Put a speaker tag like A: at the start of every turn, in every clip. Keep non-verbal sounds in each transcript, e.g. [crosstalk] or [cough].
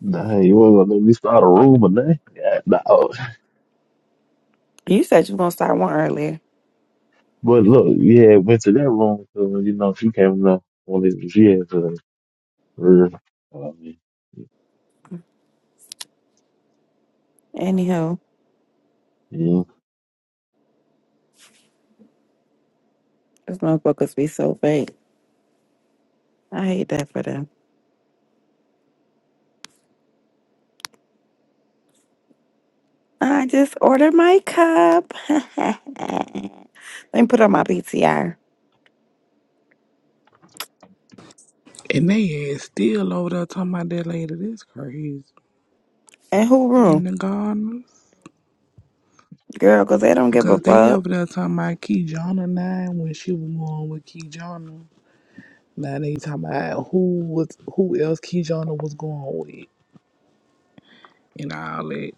A: Nah, you wasn't gonna let me start a room or nothing. Yeah, nah.
B: You said you were gonna start one earlier.
A: But look, yeah, went to that room 'cause, you know she came up on it. She had to, her, uh, I mean,
B: Anyhow,
A: yeah,
B: those motherfuckers be so fake. I hate that for them. I just ordered my cup. [laughs] Let me put on my PTR.
C: And they ass still over there talking about that lady. That's crazy.
B: And who
C: In
B: room?
C: the gardeners.
B: Girl, because they don't give a
C: Because they
B: fuck.
C: over there talking about Keyjana nine when she was going with Keyjana. Now they talking about who was who else Keyjana was going with and all that.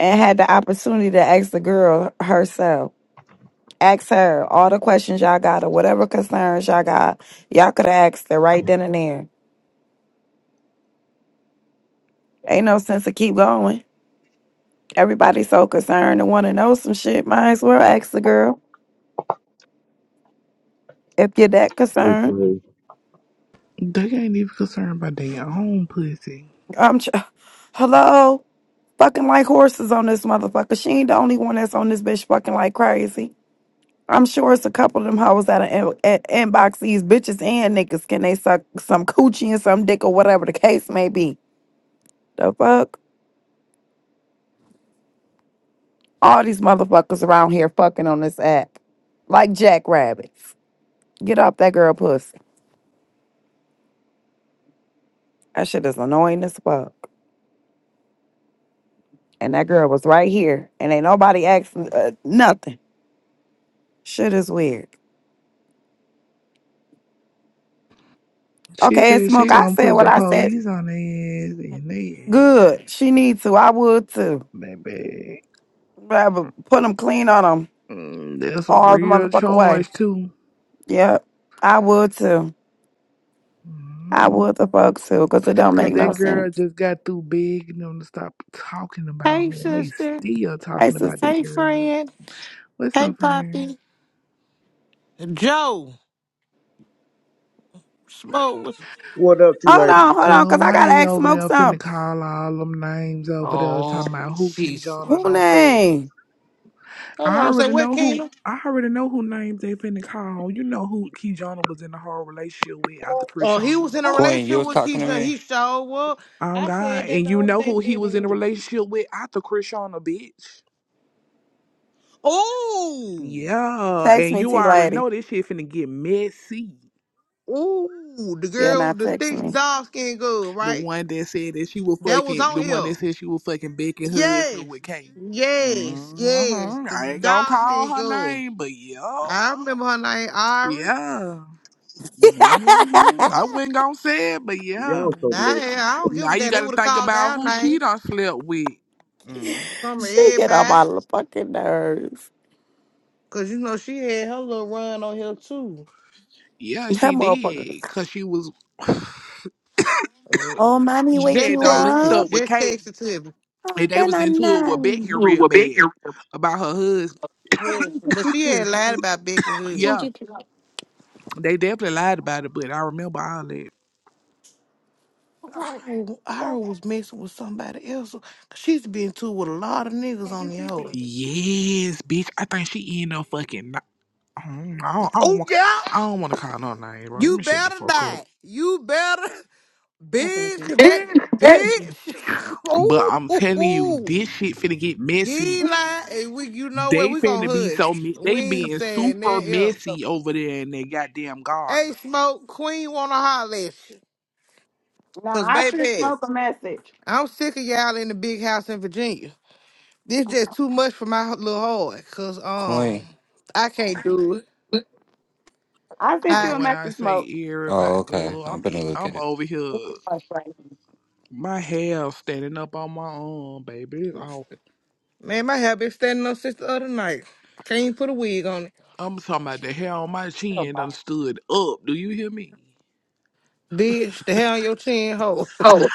B: And had the opportunity to ask the girl herself. Ask her all the questions y'all got or whatever concerns y'all got. Y'all could have asked her right then and there. Ain't no sense to keep going. Everybody's so concerned and want to know some shit. Might as well ask the girl if you're that
A: that's
B: concerned.
A: what-
C: They ain't even concerned about their own pussy.
B: I'm tr- [sighs] hello, fucking like horses on this motherfucker. She ain't the only one that's on this bitch fucking like crazy. I'm sure it's a couple of them hoes that are in, at, inbox these bitches and niggas. Can they suck some coochie and some dick or whatever the case may be? The fuck? All these motherfuckers around here fucking on this app. Like jackrabbits. Get off that girl pussy. That shit is annoying as fuck. And that girl was right here. And ain't nobody asking uh, nothing. Shit is weird.
C: She
B: Okay, and
C: said she
B: Smoke, I
C: gonna
B: said
C: put
B: what
C: the
B: I said.
C: police on their ass and they ass,
B: Good. She needs to. I would too.
C: baby.
B: Rather put them clean on them
C: Mm, that's a
B: all the
C: real
B: motherfucker way.
C: charge too.
B: Yep. I would too. I
C: Mm-hmm.
B: would the fuck too, cause it don't
C: Cause
B: make no
C: that girl
B: sense.
C: just got through begging them to stop talking about
D: Hey,
C: her, and they
D: sister.
C: still
B: Hey,
C: talking about
B: sissy.
C: that
D: Hey,
C: girl.
D: friend.
C: What's
D: Hey,
C: up, friend?
D: Poppy. Joe. Smoke. was-
E: What up, to you
B: Hold
E: lady?
B: on, hold on,
C: Girl,
B: cause I
C: why
B: gotta
C: they
B: ask
C: over
B: Smoke
C: there finna
B: something.
C: call all them names over there talking about
D: Oh,
C: who
D: she's.
C: Keyjana
B: Who
C: don't fuck?
B: name?
D: Hold
C: I
D: on. Say
C: already
D: what,
C: know who.
D: Kingdom?
C: I already know who names they finna call. You know who Keyjana was in a hard relationship with after
D: Oh, he
C: Krishana.
D: was in a
F: Queen, you
D: relationship
F: was
D: with
F: talking to
D: Keisha.
F: me?
D: He sure was.
C: Oh
D: I
C: God,
D: said that
C: and
D: the
C: you
D: other
C: know who
D: day,
C: he was
D: didn't
C: in a
D: we?
C: relationship with after Krishana, bitch.
D: Oh,
C: Yeah,
B: Text
C: and
B: me,
C: you
B: T
C: already
B: lady.
C: know this shit finna get messy.
D: ooh, the
B: Yeah,
D: girl,
B: not
D: the
B: text
D: thick
B: me.
D: dog skin girl,
C: The
D: right?
C: one that said that she was
D: That was
C: fucking,
D: on
C: the one
D: here.
C: that said she was fucking Becky husband
D: Yes,
C: with Kane.
D: yes, yes.
C: hmm
D: The
C: I ain't gonna
D: dog
C: call
D: skin
C: her
D: girl.
C: name, but yeah,
D: I remember her name, Ari.
C: yeah.
B: [laughs]
C: hmm I wasn't gonna say it, but yeah.
E: Y'all so messy.
D: I, I don't give
C: Now
D: a
C: you
D: damn. They
C: gotta
D: would have
C: think
D: called
C: about
D: out
C: who she
D: name
C: done slept with. hmm
D: from
B: she get on my
D: everybody.
B: fucking nerves.
D: Cause you know she had her little run on here too.
C: Yeah,
B: That
C: she
B: motherfucker.
C: did, cause she was
B: Oh,
D: Uh,
B: mommy,
C: she
B: wake
C: had
D: Just
B: you
C: done
D: text
C: linked
B: up.
C: up
D: it.
C: with
D: Just
C: Kate,
D: text it to him.
C: and
B: Oh,
C: they
B: then
C: was
B: I
C: into it with
B: know.
C: Becky real bad about her husband.
D: Hood. But she had lied about Becky
C: Yeah,
D: Hudson.
C: they definitely lied about it, but I remember all that.
D: I I was messing with somebody else. Cause she's been too with a lot of niggas on the hoe.
C: Yes, bitch. I think she in a fucking. kn- I don't, I don't, I don't
D: Oh
C: want.
D: yeah.
C: I don't want to call no name, bro. Let
D: You
C: me shut the
D: better
C: fuck up.
D: die. You better bitch. 'cause that bitch. [laughs]
C: But I'm telling you,
D: oh,
C: this shit finna get
D: He
C: messy.
D: lie, and we you know
C: They
D: what? We gonna
C: finna be
D: hush.
C: so. Me- they
D: We ain't
C: being
D: saying
C: super
D: that. Yeah.
C: messy over there in their goddamn garden.
D: Hey, smoke queen wanna holler at you.
B: Nah,
D: Cause
B: I sent
D: baby,
B: Smoke a message.
D: I'm sick of y'all in the big house in Virginia. This just too much for my little heart. Cause um,
F: Queen.
D: I can't do it.
B: I sent you
D: I
C: Girl,
B: a
C: when I
B: message, Smoke.
C: say everybody,
F: Oh, okay.
C: girl,
F: I'm
C: I'm e,
F: gonna look at
C: I'm
F: it.
C: over here. My hair standing up on my arm, baby. It's off.
D: man, my hair been standing up since the other night. Can't even put a wig on it.
C: I'm talking about the hair on my chin done stood up. Do you hear me?
D: Bitch, the hair on your chin, hole.
B: Oh,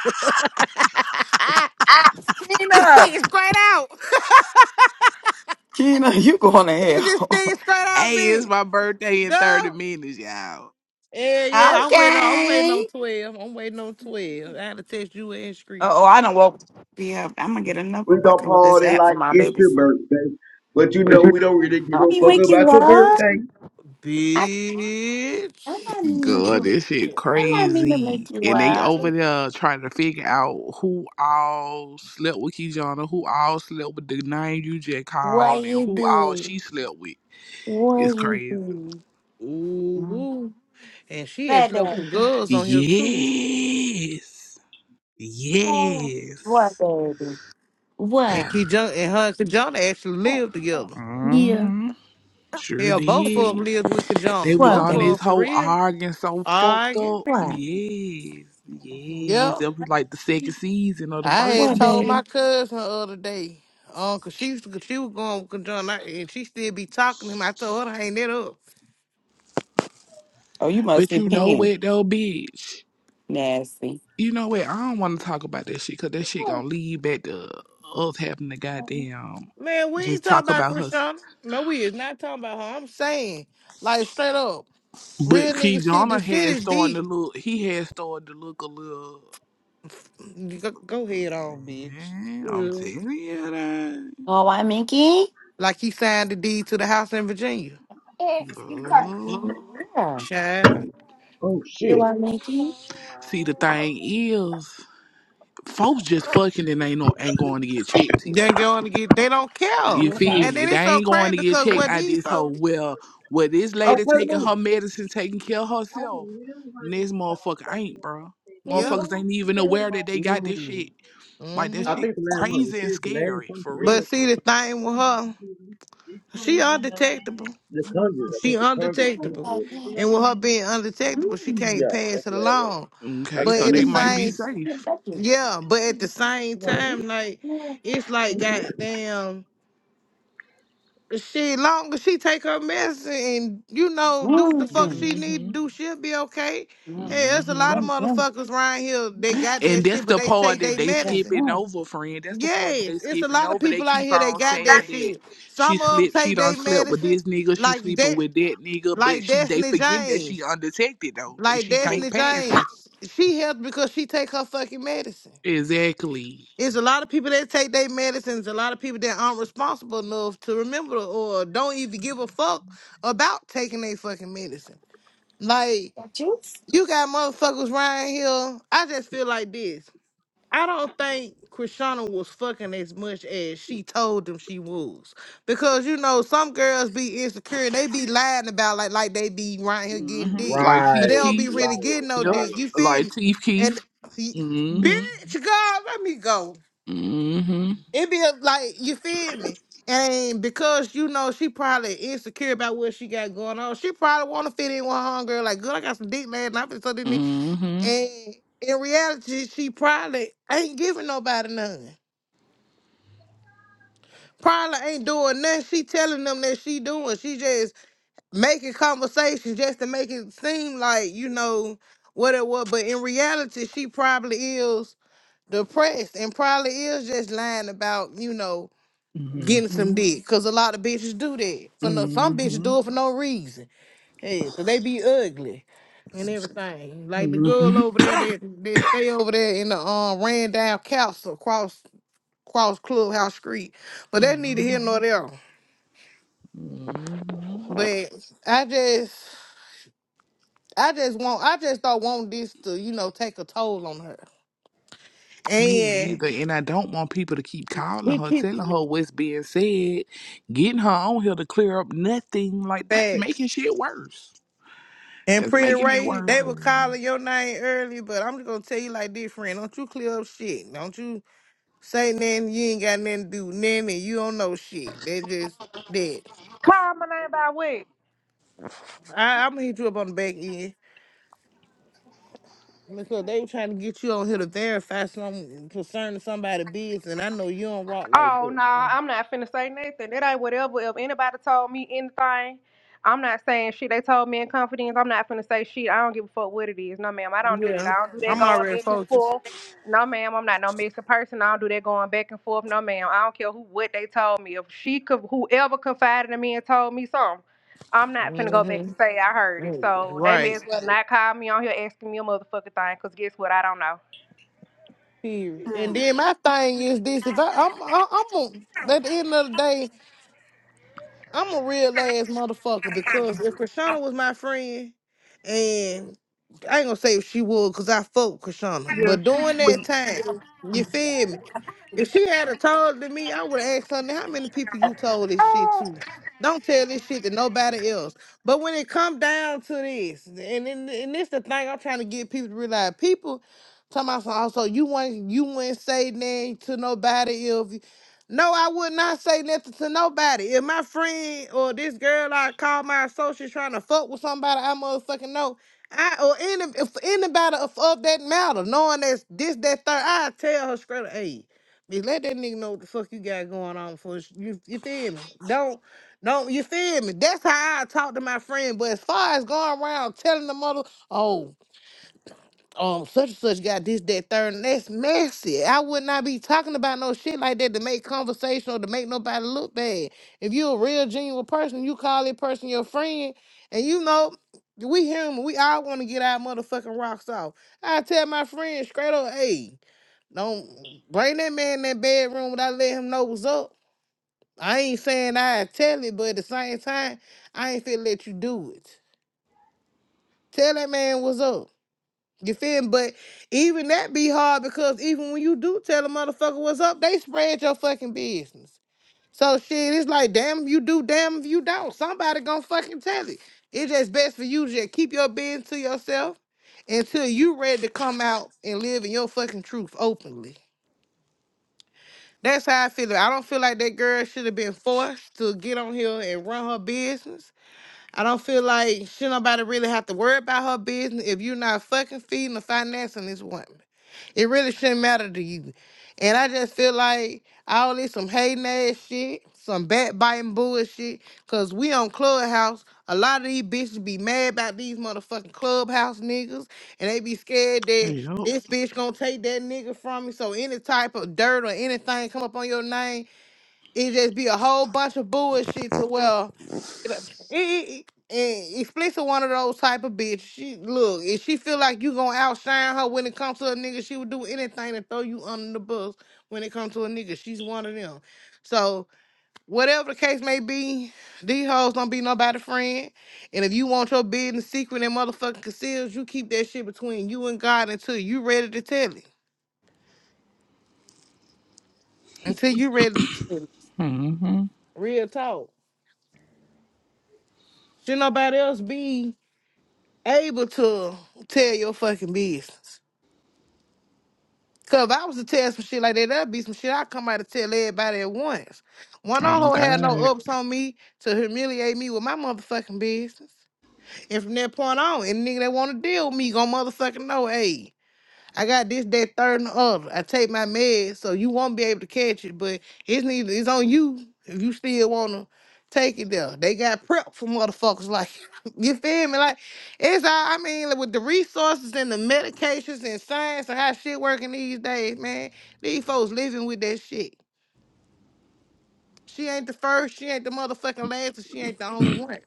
D: [laughs]
B: ah,
D: this thing
B: Tina,
D: is straight out.
B: Tina, you going
D: Is
B: to hell?
D: this thing straight out,
C: Hey, it's
D: bitch?
C: my birthday in 30
D: Girl.
C: minutes, y'all.
D: Yeah, yeah,
B: [laughs]
D: I'm waiting. on- I'm waiting on
B: okay.
D: twelve. I'm waiting on twelve. I had to text you and
B: Uh
D: Street,
B: oh, I don't woke me up. I'm gonna get enough
E: We
B: for
E: gonna
B: fucking with this
E: party
B: app for
E: like
B: my
E: it's
B: baby
E: your
B: sleep.
E: birthday, but you know we don't really give
B: Let
E: a
B: me
E: fuck
B: wake you
E: about your
B: up.
E: birthday.
B: I-
D: bitch. [laughs]
C: God, this shit crazy. And they over there trying to figure out who all slept with Kijana, who all slept with the name you just called, and who all she slept with. It's crazy.
D: Ooh, ooh. and she actually left some girls on here too.
C: Yes. Yes.
D: And Kijana and her and Kijana actually live together.
C: Mm-hmm. Sure
D: Hell, both of
C: did.
D: them lived with
C: They
D: Kijana.
C: was
D: Both
C: on
D: of
C: this
D: them for
C: whole
D: real.
C: arguing so fucked
D: Arguing.
C: up. Yes, yes.
D: Yep.
C: It was like the second season or the
D: I
C: first
D: had told
C: season.
D: my cousin the other day, um, 'cause she used to, she was going with John, and she still be talking to him. I told her to hang that up.
B: oh, you must
C: But
B: be
C: you know
B: peeing.
C: what though, bitch?
B: Nasty.
C: You know what? I don't want to talk about that shit because that shit gonna lead back to us having to goddamn
D: Man, we
C: just
D: ain't talking
C: talk
D: about
C: about her.
D: Krishana. No, we is not talking about her. I'm saying, like, straight up,
C: But
D: real nigga shit.
C: Kijana
D: This shit
C: had
D: is
C: started to
D: deep.
C: look. He had started to look a little.
D: Go, go ahead on, bitch.
C: Man, I'm
D: Yeah.
C: telling you that.
D: Like he signed the deed to the house in Virginia.
C: Girl.
D: Child.
E: Oh shit!
C: See, the thing is. folks just fucking and ain't no ain't going to get checked, T
D: Then
C: lady.
D: going to get. They don't care.
C: You feel
D: And
C: me?
D: then
C: They
D: it's so
C: ain't going
D: crazy
C: to get
D: because
C: checked
D: what
C: out
D: these
C: this
D: so.
C: whole well well this
E: Oh, play
C: lady
E: the
C: taking her
E: movie.
C: medicine, taking care of herself. This motherfucker ain't, bro.
D: Yep.
C: Motherfuckers ain't even aware that they got this shit. Like that
D: hmm
E: I
C: shit
E: think the last one. Is
C: crazy and
E: this the last
C: scary.
E: one?
C: For
E: Yeah.
D: But
C: real, for
D: see the
C: real.
D: thing with her, she undetectable.
E: The Conjuring. I
D: She
E: think the Conjuring.
D: undetectable, and with her being undetectable, she can't
E: Yeah, that's
D: pass it
E: the last one.
D: along.
E: I
C: Okay,
D: But
E: understand
C: so
E: the
D: at the
C: they
E: rest of
C: might be
D: same
C: safe.
D: Yeah, but at the same time, like it's like goddamn shit. long as she take her medicine and you know do what the fuck she need
C: Mm-hmm.
D: to do, she'll be okay. Hey, there's a lot
C: Mm-hmm.
D: of motherfuckers around here they got
C: And
D: that
C: that's
D: shit, but
C: the
D: they
C: part
D: take
C: that
D: their
C: they
D: medicine.
C: skipping over, friend. That's the part that
D: Yes,
C: they
D: it's a
C: skipping
D: lot of
C: over. They
D: people out
C: keep
D: here that
C: on
D: got that
C: saying that
D: shit.
C: she
D: Some of them
C: slept, she
D: take
C: done
D: their
C: slept with
D: medicine,
C: this nigga, she
D: like
C: sleeping
D: that,
C: with that nigga, but
D: like
C: she they
D: Destiny
C: forget that she
D: James,
C: undetected though, that
D: like
C: she can't
D: Destiny
C: pass it.
D: James. She helped because she take her fucking medicine.
C: Exactly.
D: It's a lot of people that take their medicines, a lot of people that aren't responsible enough to remember or don't even give a fuck about taking their fucking medicine. Like, you got motherfuckers right here. I just feel like this. I don't think Krishana was fucking as much as she told them she was. Because you know, some girls be insecure and they be lying about like like they be right here getting
E: it.
C: hmm
D: dick.
C: Like
D: But they
C: Teeth
E: Right,
D: don't be
C: Keith.
D: really
E: right,
D: getting no
C: Yep.
E: right.
D: dick. You feel
C: Like
D: me?
C: Teeth
D: And
C: Keith. hmm
D: Bitch, God, let me go.
C: hmm
D: It be a, like you feel me, and because you know she probably insecure about what she got going on, she probably want to fit in with her girl. Like, good, I got some dick last night, so didn't
C: hmm
D: And in reality, she probably ain't giving nobody nothing. Probably ain't doing nothing. She telling them that she doing. She just making conversations just to make it seem like you know what it was. But in reality, she probably is depressed and probably is just lying about you know
C: Mm-hmm. hmm
D: getting some dick. Cause a lot of bitches do that. For no, some bitches do it for no reason. Hey, so they be ugly and everything. Like the girl over there that that stay over there in the um ran castle across across Clubhouse Street.
C: hmm
D: But that neither here
C: hmm
D: nor there.
C: hmm
D: But I just I just want I just don't want this to, you know, take a toll on her.
C: Me
D: And
C: neither. And I don't want people to keep calling
D: he
C: her,
D: keeps
C: telling her what's being said, getting her on here to clear up nothing. Like, that's
D: facts.
C: making shit worse.
D: And
C: That's
D: Pretty
C: making it
D: Ray,
C: worse
D: they
C: for
D: were calling your name early, but I'm just gonna tell you like this, friend. Don't you clear up shit. Don't you say nothing. You ain't got nothing to do with nothing, and you don't know shit. They just dead.
G: Call my name by what?
D: I, I'm gonna hit you up on the back end because they were trying to get you on here to verify something concerning somebody's business, and I know you don't rock like
G: Oh
D: that.
G: no,
D: So,
G: I'm not finna say nothing. That ain't whatever. If anybody told me anything, I'm not saying shit. They told me in confidence. I'm not finna say shit. I don't give a fuck what it is. No ma'am, I don't do that.
D: yeah,
G: I don't do that
D: I'm
G: going
D: already
G: back and
D: focused.
G: forth. No ma'am, I'm not no mixed person. I don't do that going back and forth. No ma'am, I don't care who what they told me. If she could, whoever confided in me and told me something. I'm not finna go back
D: hmm
G: and say I heard it. So they may
D: Right.
G: as well not call me on here asking me a motherfucking thing, cause guess what? I don't know.
D: Period. And then my thing is this: if I, I'm, I, I'm gonna, at the end of the day. I'm a real ass motherfucker because if Krishana was my friend, and I ain't gonna say if she would because I fuck with Krishana, but during that time, you feel me? If she had a told to me, I would have asked her, "Now, how many people you told this shit to? Don't tell this shit to nobody else. But when it come down to this, and and, and this the thing I'm trying to get people to realize, people talking about some, also you want you wouldn't say nothing to nobody else. No, I would not say nothing to nobody. If my friend or this girl I call my associate trying to fuck with somebody, I motherfucking know. I or any if anybody of, of that matter, knowing that's this that third, I tell her straight up, hey, bitch, let that nigga know what the fuck you got going on for you. You feel me? Don't don't you feel me? That's how I talk to my friend. But as far as going around telling the mother, oh um such and such got this, that, third, and that's messy. I would not be talking about no shit like that to make conversation or to make nobody look bad. If you a real genuine person, you call that person your friend, and you know, we human, we all want to get our motherfucking rocks off. I tell my friend straight up, hey, don't bring that man in that bedroom without letting him know what's up. I ain't saying I tell it, but at the same time, I ain't finna let you do it. Tell that man what's up. You feel me? But even that be hard because even when you do tell a motherfucker what's up, they spread your fucking business. So shit, it's like damn if you do, damn if you don't. Somebody gonna fucking tell it. It's just best for you to just keep your business to yourself until you ready to come out and live in your fucking truth openly. That's how I feel. I don't feel like that girl should have been forced to get on here and run her business. I don't feel like should nobody really have to worry about her business if you're not fucking feeding or financing this woman. It really shouldn't matter to you. And I just feel like all this some hating ass shit, some backbiting bullshit, cause we on Clubhouse. A lot of these bitches be mad about these motherfucking clubhouse niggas, and they be scared
C: 'em.
D: that
C: Yep.
D: this bitch gonna take that nigga from me. So any type of dirt or anything come up on your name, it just be a whole bunch of bullshit to well. And Explicit one of those type of bitch. She look, if she feel like you gonna outshine her when it comes to a nigga, she would do anything to throw you under the bus when it comes to a nigga. She's one of them. So whatever the case may be, these hoes don't be nobody friend. And if you want your business secret and motherfucking concealed, you keep that shit between you and God until you ready to tell it. Until you ready to tell it.
C: Mm-hmm.
D: Real talk. Should nobody else be able to tell your fucking business. Cause if I was to tell some shit like that, that'd be some shit I'd come out and tell everybody at once. One on
C: Oh,
D: hoe had no
C: God.
D: ups on me to humiliate me with my motherfucking business. And from that point on, any nigga that wanna deal with me gonna motherfucking know, hey. I got this, that, third, and the other. I take my meds, so you won't be able to catch it, but it's neither it's on you if you still wanna take it there. They got prep for motherfuckers like [laughs] you feel me? Like it's all I mean, like, with the resources and the medications and science and how shit working these days, man, these folks living with that shit. She ain't the first, she ain't the motherfucking last, and she ain't the only one.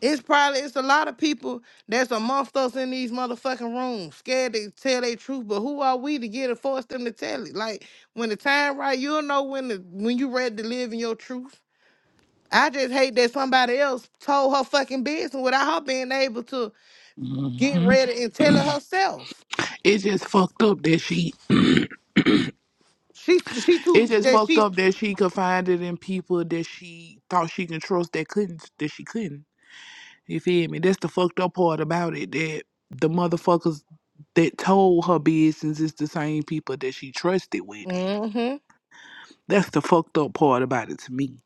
D: It's probably it's a lot of people that's amongst us in these motherfucking rooms, scared to tell their truth. But who are we to get and force them to tell it? Like when the time right, you'll know when the when you ready to live in your truth. I just hate that somebody else told her fucking business without her being able to get
C: Mm-hmm.
D: ready and tell it herself.
C: It's just fucked up that she, [clears throat] it's
D: She she too
C: just
D: that
C: fucked
D: she.
C: up that she could find it in people that she thought she could trust that couldn't, that she couldn't. You feel me? That's the fucked up part about it that the motherfuckers that told her business is the same people that she trusted with it.
D: mm-hmm.
C: That's the fucked up part about it to me.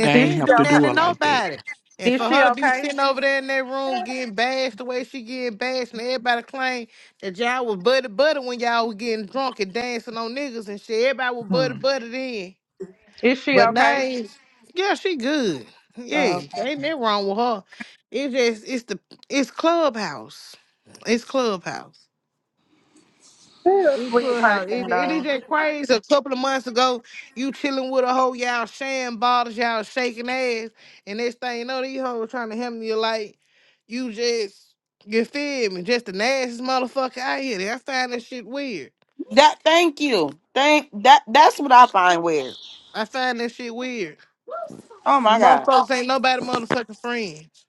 C: They
D: she
G: Is
C: ain't
G: she
D: didn't
C: have
D: do
C: to
D: nothing
C: do
D: to
C: it
G: okay?
C: like that.
D: nobody. And
G: Is
D: for
G: she
D: her to be
G: okay?
D: sitting over there in that room getting bashed the way she getting bashed, and everybody claim that y'all was buddy buddy when y'all was getting drunk and dancing on niggas and shit. Everybody was buddy
C: Hmm.
D: buddy then.
G: Is she
D: But now,
G: okay?
D: it's- yeah, she good. Yeah,
G: So,
D: ain't nothing wrong with her. It just it's the it's clubhouse. It's clubhouse.
G: she's a
D: You
G: sweet
D: could have.
G: person,
D: It, it is
G: though.
D: that crazy. A couple of months ago, you chilling with a hoe, y'all sharing bottles, y'all shaking ass, and next thing you know, these hoes trying to help you like you just you feel me? Just the nastiest motherfucker out here. I find that shit weird.
B: That. Thank you. Thank that. That's what I find weird.
D: I find that shit weird.
B: Oh my god.
D: Motherfuckers ain't nobody motherfucking friends.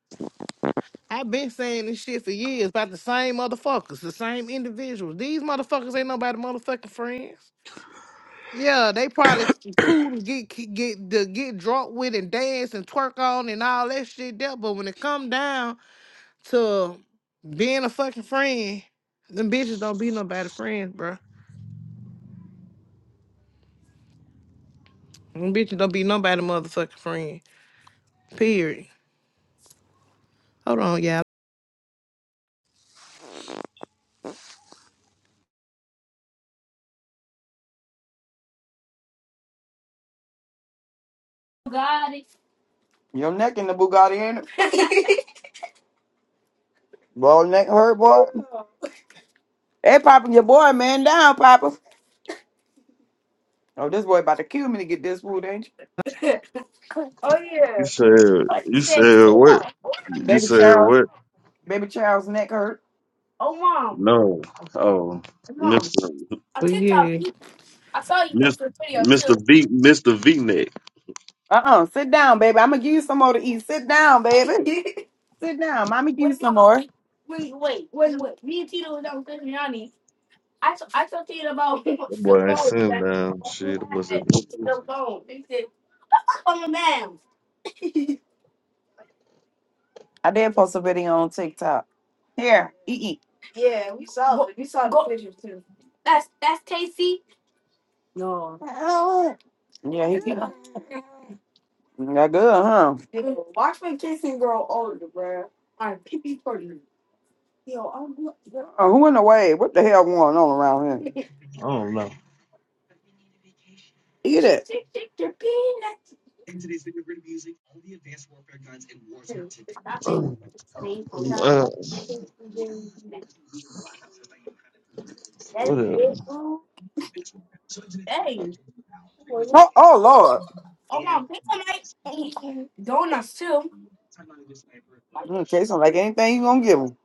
D: I've been saying this shit for years about the same motherfuckers, the same individuals. These motherfuckers ain't nobody motherfucking friends. Yeah, they probably s- cool to get ki- get to get drunk with and dance and twerk on and all that shit there. But when it come down to being a fucking friend, them bitches don't be nobody friend, bro. Them bitches don't be nobody motherfucking friend. Period. Hold on, y'all.
B: Well, neck hurt, boy. Hey, Papa, your boy man down, Papa. Oh, this boy about to kill me to get this food, ain't you?
A: You said you said what? You
B: Baby, Ch-
A: said what?
B: baby, child's neck hurt.
A: No. Oh, Mister
D: But yeah,
A: Mister Mister V Mister V neck.
B: Uh-uh. Sit down, baby. I'm gonna give you some more to eat. Sit down, baby. [laughs] Sit down. Mommy give you some more.
A: That boy ain't sitting down. Shit, that boy said.
B: I did post a video on TikTok. Here, eat, eat. Yeah, he can. That good, huh? Oh, who in the way? What the hell going on around here? [laughs] Eat it.
A: Uh, uh, what up?
B: Oh, oh Lord. Mm, taste them like anything you gonna give them.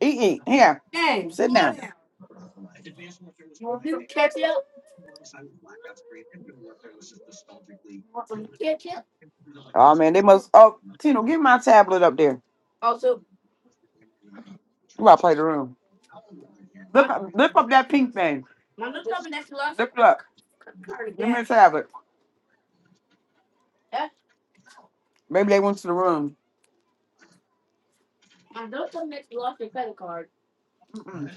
B: Eat, eat. Here. Sit down. Oh man, they must. Oh, Tino, get my tablet up there. You about to play the room. Look! up, lift up that pink thing. Look! it up. Let me have it. Maybe they went to the room. Mm-mm.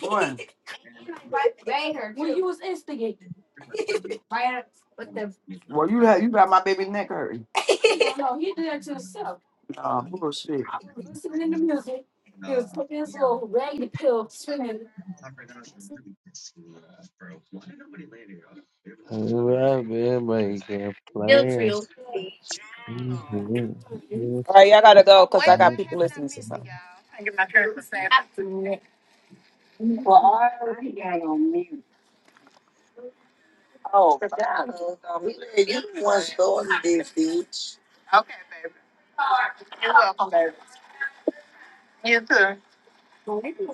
B: One. Well, you have, you got my baby neck hurting.
A: Well, I've been making plans. I'm back.
B: All right, y'all gotta go because I got people listening to something. Oh, because um, he said you once going to this beach.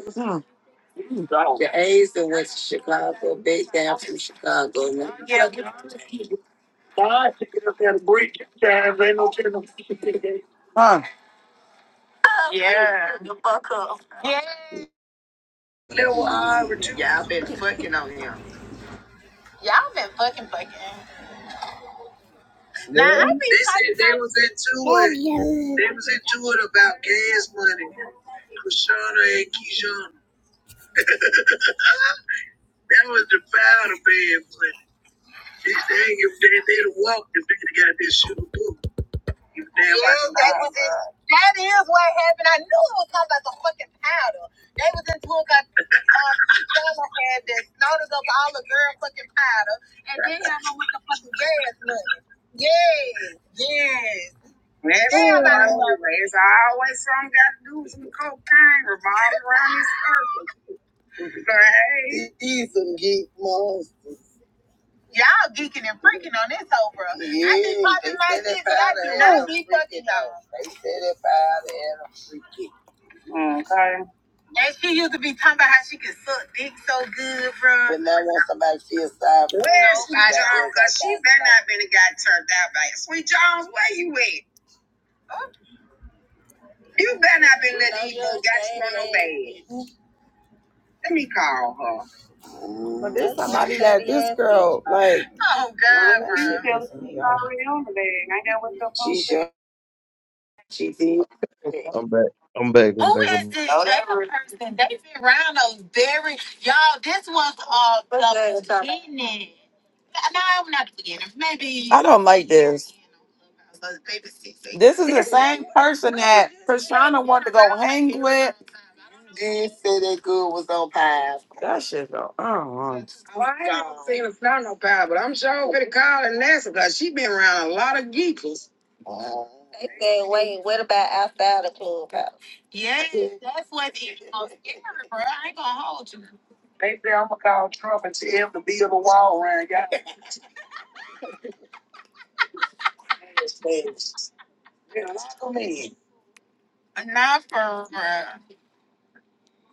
B: Mm. The A's that went to Chicago, big down from Chicago. man. Huh? Y'all been fucking fucking. Now I Yeah. be They said talking they was into it. They was into it about gas money. Krishana and Keyshawn. That was the powder bed, but they, they, they, they'd have walked if they'd have got this shit book. yeah, that, was it. that is what happened. I knew it was talking about the fucking powder. They was in it got uh, [laughs] Donna had that notice of all the girl fucking powder, and then y'all know what the fucking gas look. Yes, yes. Damn, I love it. He's some geek, mom. Y'all geeking and freaking on this whole bro. Yeah, I be Yeah, popping my said that shit, but I do not be fucking though. They said that powder and i And she used to be talking about how she could suck dick so good, bro. But now I want somebody to feel sorry for Where's her. Where's Sweet Jones? Because she better not been a guy turned out by it. Sweet Jones, where you at? You better not been letting these little got you on no bed. Call her. But this somebody that this girl like. Oh God, bro. Ain't that what the fuck? She she did.
A: I'm back.
B: Who is this Oh, that other person? They've been around those very y'all. This was uh What's the that? beginning. No, not the beginning. Maybe I don't like this. uh, Maybe six, eight. This is the same person that Prashana wanted to go hang with. Did say that good was on pie. That shit go. Oh, Well, I ain't never seen her. fly no pie, but I'm sure gonna call her Nessa because she been around a lot of geekers. yeah, that's what it is. scary, bro. I ain't gonna hold you. They say I'ma call Trump and tell him to build a wall around y'all. [laughs] Yeah, lock 'em in. Not for real.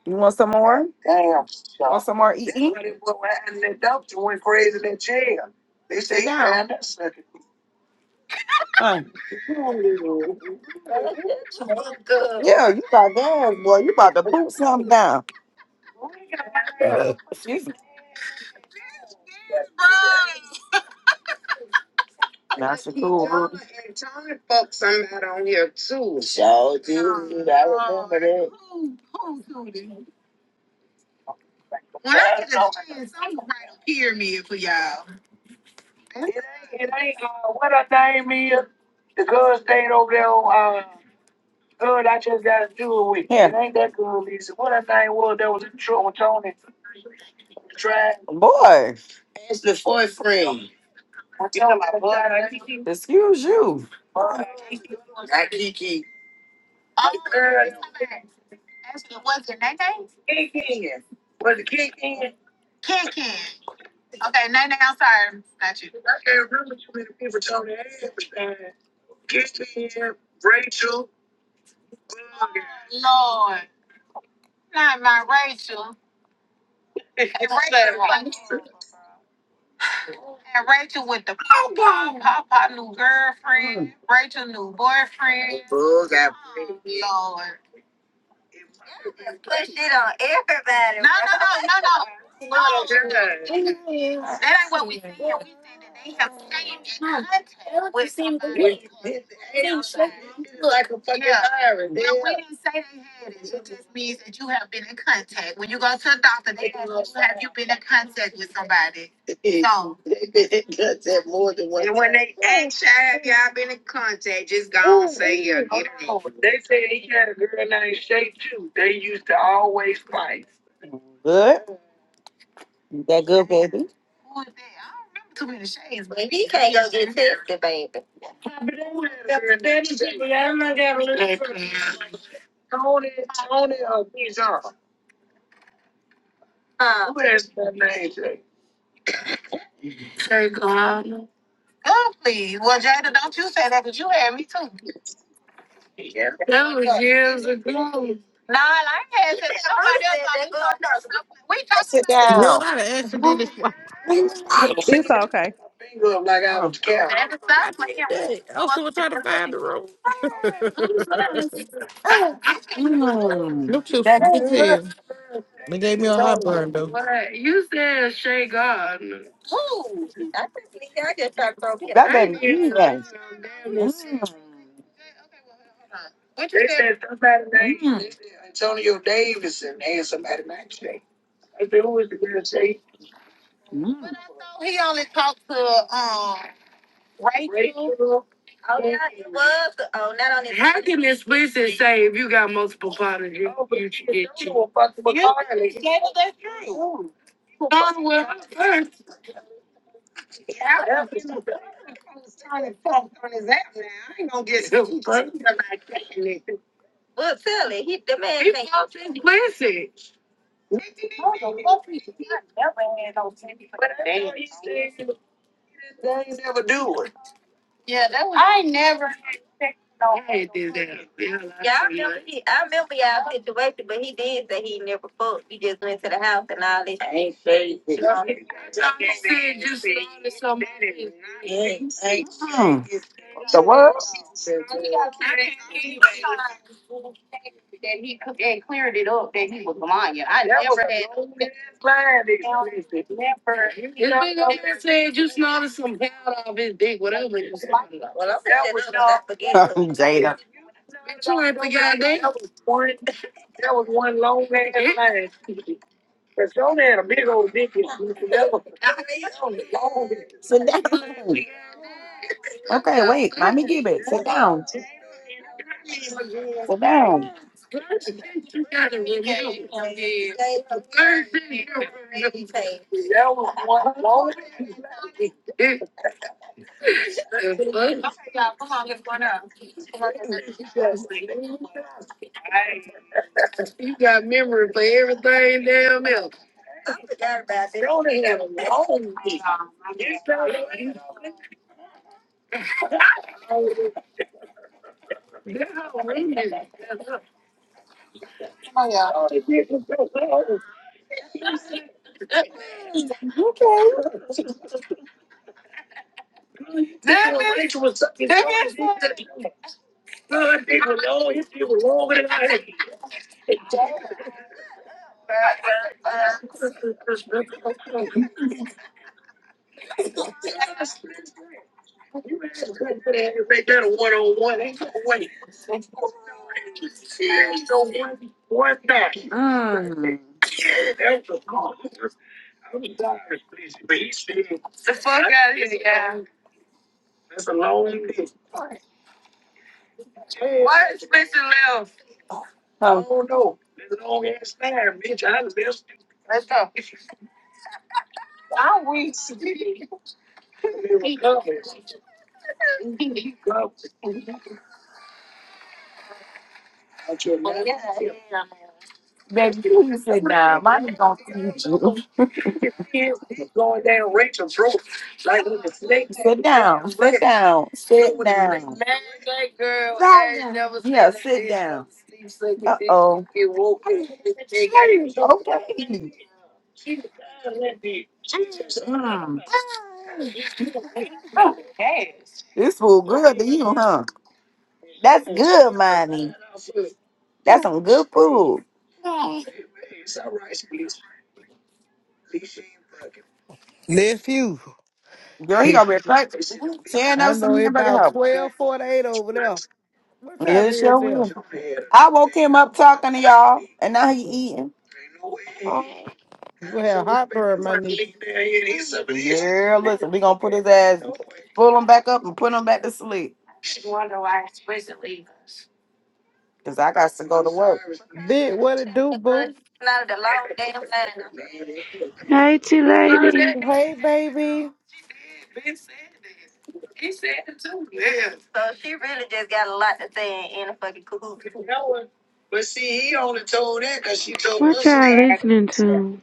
B: You want some more? Damn. Want some more eat eat? That's eating? why they were riding that dumpster went crazy in that jail. They say he down. found that sucker. Uh, yeah, you got gas, boy. You about to poop something down. Excuse me. Not your cool, boo. Tony fucked somebody on here too. Shit, I remember that. Who, who, who did? When I get a chance, I'm gonna write a pyramid for y'all. It ain't Boy. It's the boyfriend. I tell her, Excuse you. Boy, That Kiki. Oh, girl. Actually, was it Nene? Ken Ken. Okay, Nene, I'm sorry. Not you. Lord. Not my Rachel. It's Rachel. And Rachel with the Papa, Papa new girlfriend, Rachel new boyfriend. Bull got Oh, Lord. No, no, no, no, no. Oh, good. That that they have changed it. Like a fucking yeah. iron. No, we didn't say they had it. It just means that you have been in contact. When you go to a doctor, they, you've been in contact with somebody. So, and when they ask you, have y'all been in contact, just go and say yeah. Good. That good, baby? Who is that? I don't remember. too many shades, Baby, you can't go get tested, baby. Oh, please. Well, Jada, don't you say that because you had me too. Nah, I ain't had tested. [laughs] Somebody else got me too. We Go talking about- sit down.
D: girl, I done accidentally. swi-
G: It's okay.
D: I don't know how [laughs] the fuck I did that. I was still trying to find the room. [laughs] Them chips, good as hell. They gave me a heartburn though.
B: about God. Ooh, I couldn't believe I just tried to throw me That I Mm. damn serious. Okay, well, hold on. but Mm. I thought he only talked to um Ray. Oh, was oh not only. How can this person say if you got multiple partners? you- Yeah, but that's true. done with her first. Now if you trying to turn his app now, I ain't gonna get [laughs] him first. Well, silly, he the man. He fucked his pussy. What the fuck he did? ain't never do it. Yeah, that was. I ain't never. had sex with no I had this ass. Yeah, yeah, I remember he, I remember y'all situation, but he did say he never fucked. He just went to the house and all this. shit. You started something. Hey, Mm. I think I said that he that cleared it up that he was lying. I know. Never. You This know, nigga over there said you snorted some hair out of his dick, whatever you snorted. well, I'm that was not forget. [laughs] Jada. Sit down. Okay, wait. Let me give it. Sit down. Sit down. First thing you gotta remember is the first thing you gotta remember is the first You got memory for everything damn else. The fuck out of here. Let's listen left. Let's go. Baby, please sit down. Mommy's gonna eat you. Sit down. Sit down. Sit down. Mad girl ass never Yeah, said sit no down. Uh oh. Okay. This food good to you, huh? That's good, mommy. That's some good food.
D: Nephew.
B: Girl, he
D: [laughs]
B: over there tearing
D: I
B: up
D: know
B: some
D: it
B: hamburger
D: about
B: help.
D: twelve forty eight over there. What time
B: It
D: it
B: sure
D: is there?
B: will. I woke him up talking to y'all, and now he eating.
D: Oh, you
B: Yeah,
D: gonna have heartburn, my nigga.
B: listen, we gonna put his ass, pull him back up and put him back to sleep. Cause I got to go to work.
D: Big, what it do, boo?
H: Nighty lady,
D: Hey, baby.
H: what y'all listening to?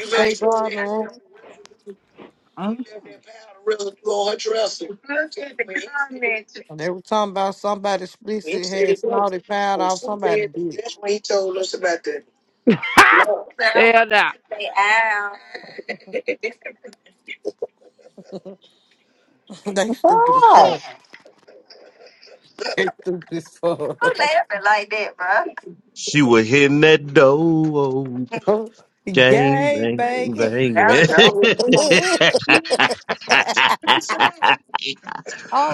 D: Shake bra in the room. They were talking about somebody explicit had snotty pound off somebody's dick.
H: Hell nah.
D: [laughs] they stupid as fuck. They stupid as fuck.
B: Mm.
D: [laughs] Gay, baby.
A: banging.
D: [laughs] oh,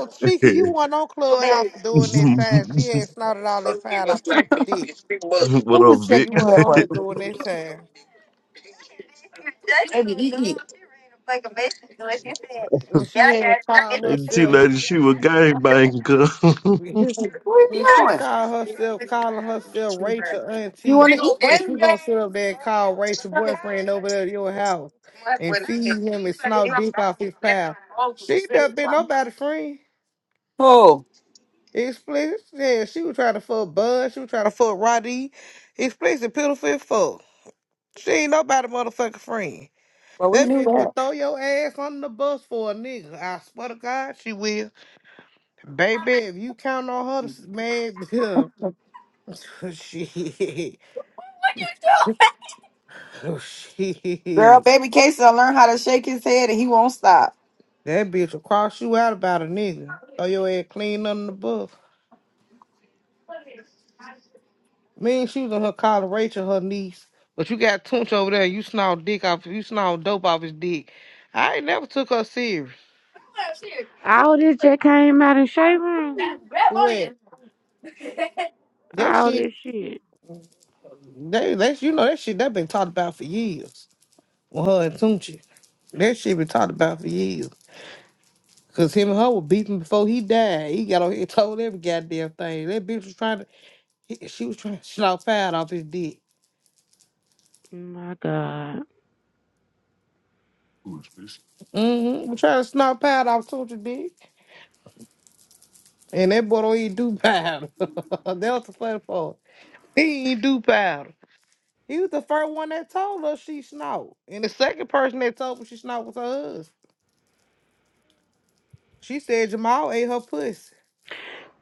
D: Chica, you weren't on Clubhouse for doing that time. She had snotted all that pound off Tootsie's dick.
A: what up, Vic?
D: You weren't
A: [laughs]
D: on here doing that time.
B: like like
D: When she had called
A: Hey, T
D: herself,
A: Lady, she was
D: [laughs]
A: gangbanger.
D: when she called herself, calling herself Rachel Auntie, but you gonna sit up there and call Rachel boyfriend over there at your house and feed him and snout dick off his pal. She never been nobody friend.
B: Oh,
D: Explicit. Yeah, she was trying to fuck Bud. She was trying to fuck Roddy. Explicit, pitiful as fuck. She ain't nobody motherfucking friend. That bitch will throw your ass under the bus for a nigga. I swear to God, she will. Baby, if you count on her, to s- man, [laughs] shit, [laughs]
B: girl,
D: shit,
B: baby Casey will learned how to shake his head and he won't stop.
D: that bitch will cross you out about a nigga. Throw your ass clean under the bus. Me and she was in her calling Rachel, her niece. But you got Tunch over there, you snarl dick off, you snarl dope off his dick. I ain't never took her serious.
H: All this just came out of Shay Room.
D: What? That
H: All
D: shit,
H: this shit.
D: they, that, you know, that shit, that been talked about for years. With her and Tunchi. That shit been talked about for years. Cause him and her were beefing before he died. He got on here and told every goddamn thing. That bitch was trying to, he- she was trying to snort pad off his dick.
H: My God.
D: Mm-hmm. Was trying to snort pad off Soulja dick. And that boy don't even do powder. [laughs] that was the funny part. He ain't do powder. He was the first one that told her she snort. And the second person that told her she snort was her husband. She said Jamal ate her pussy.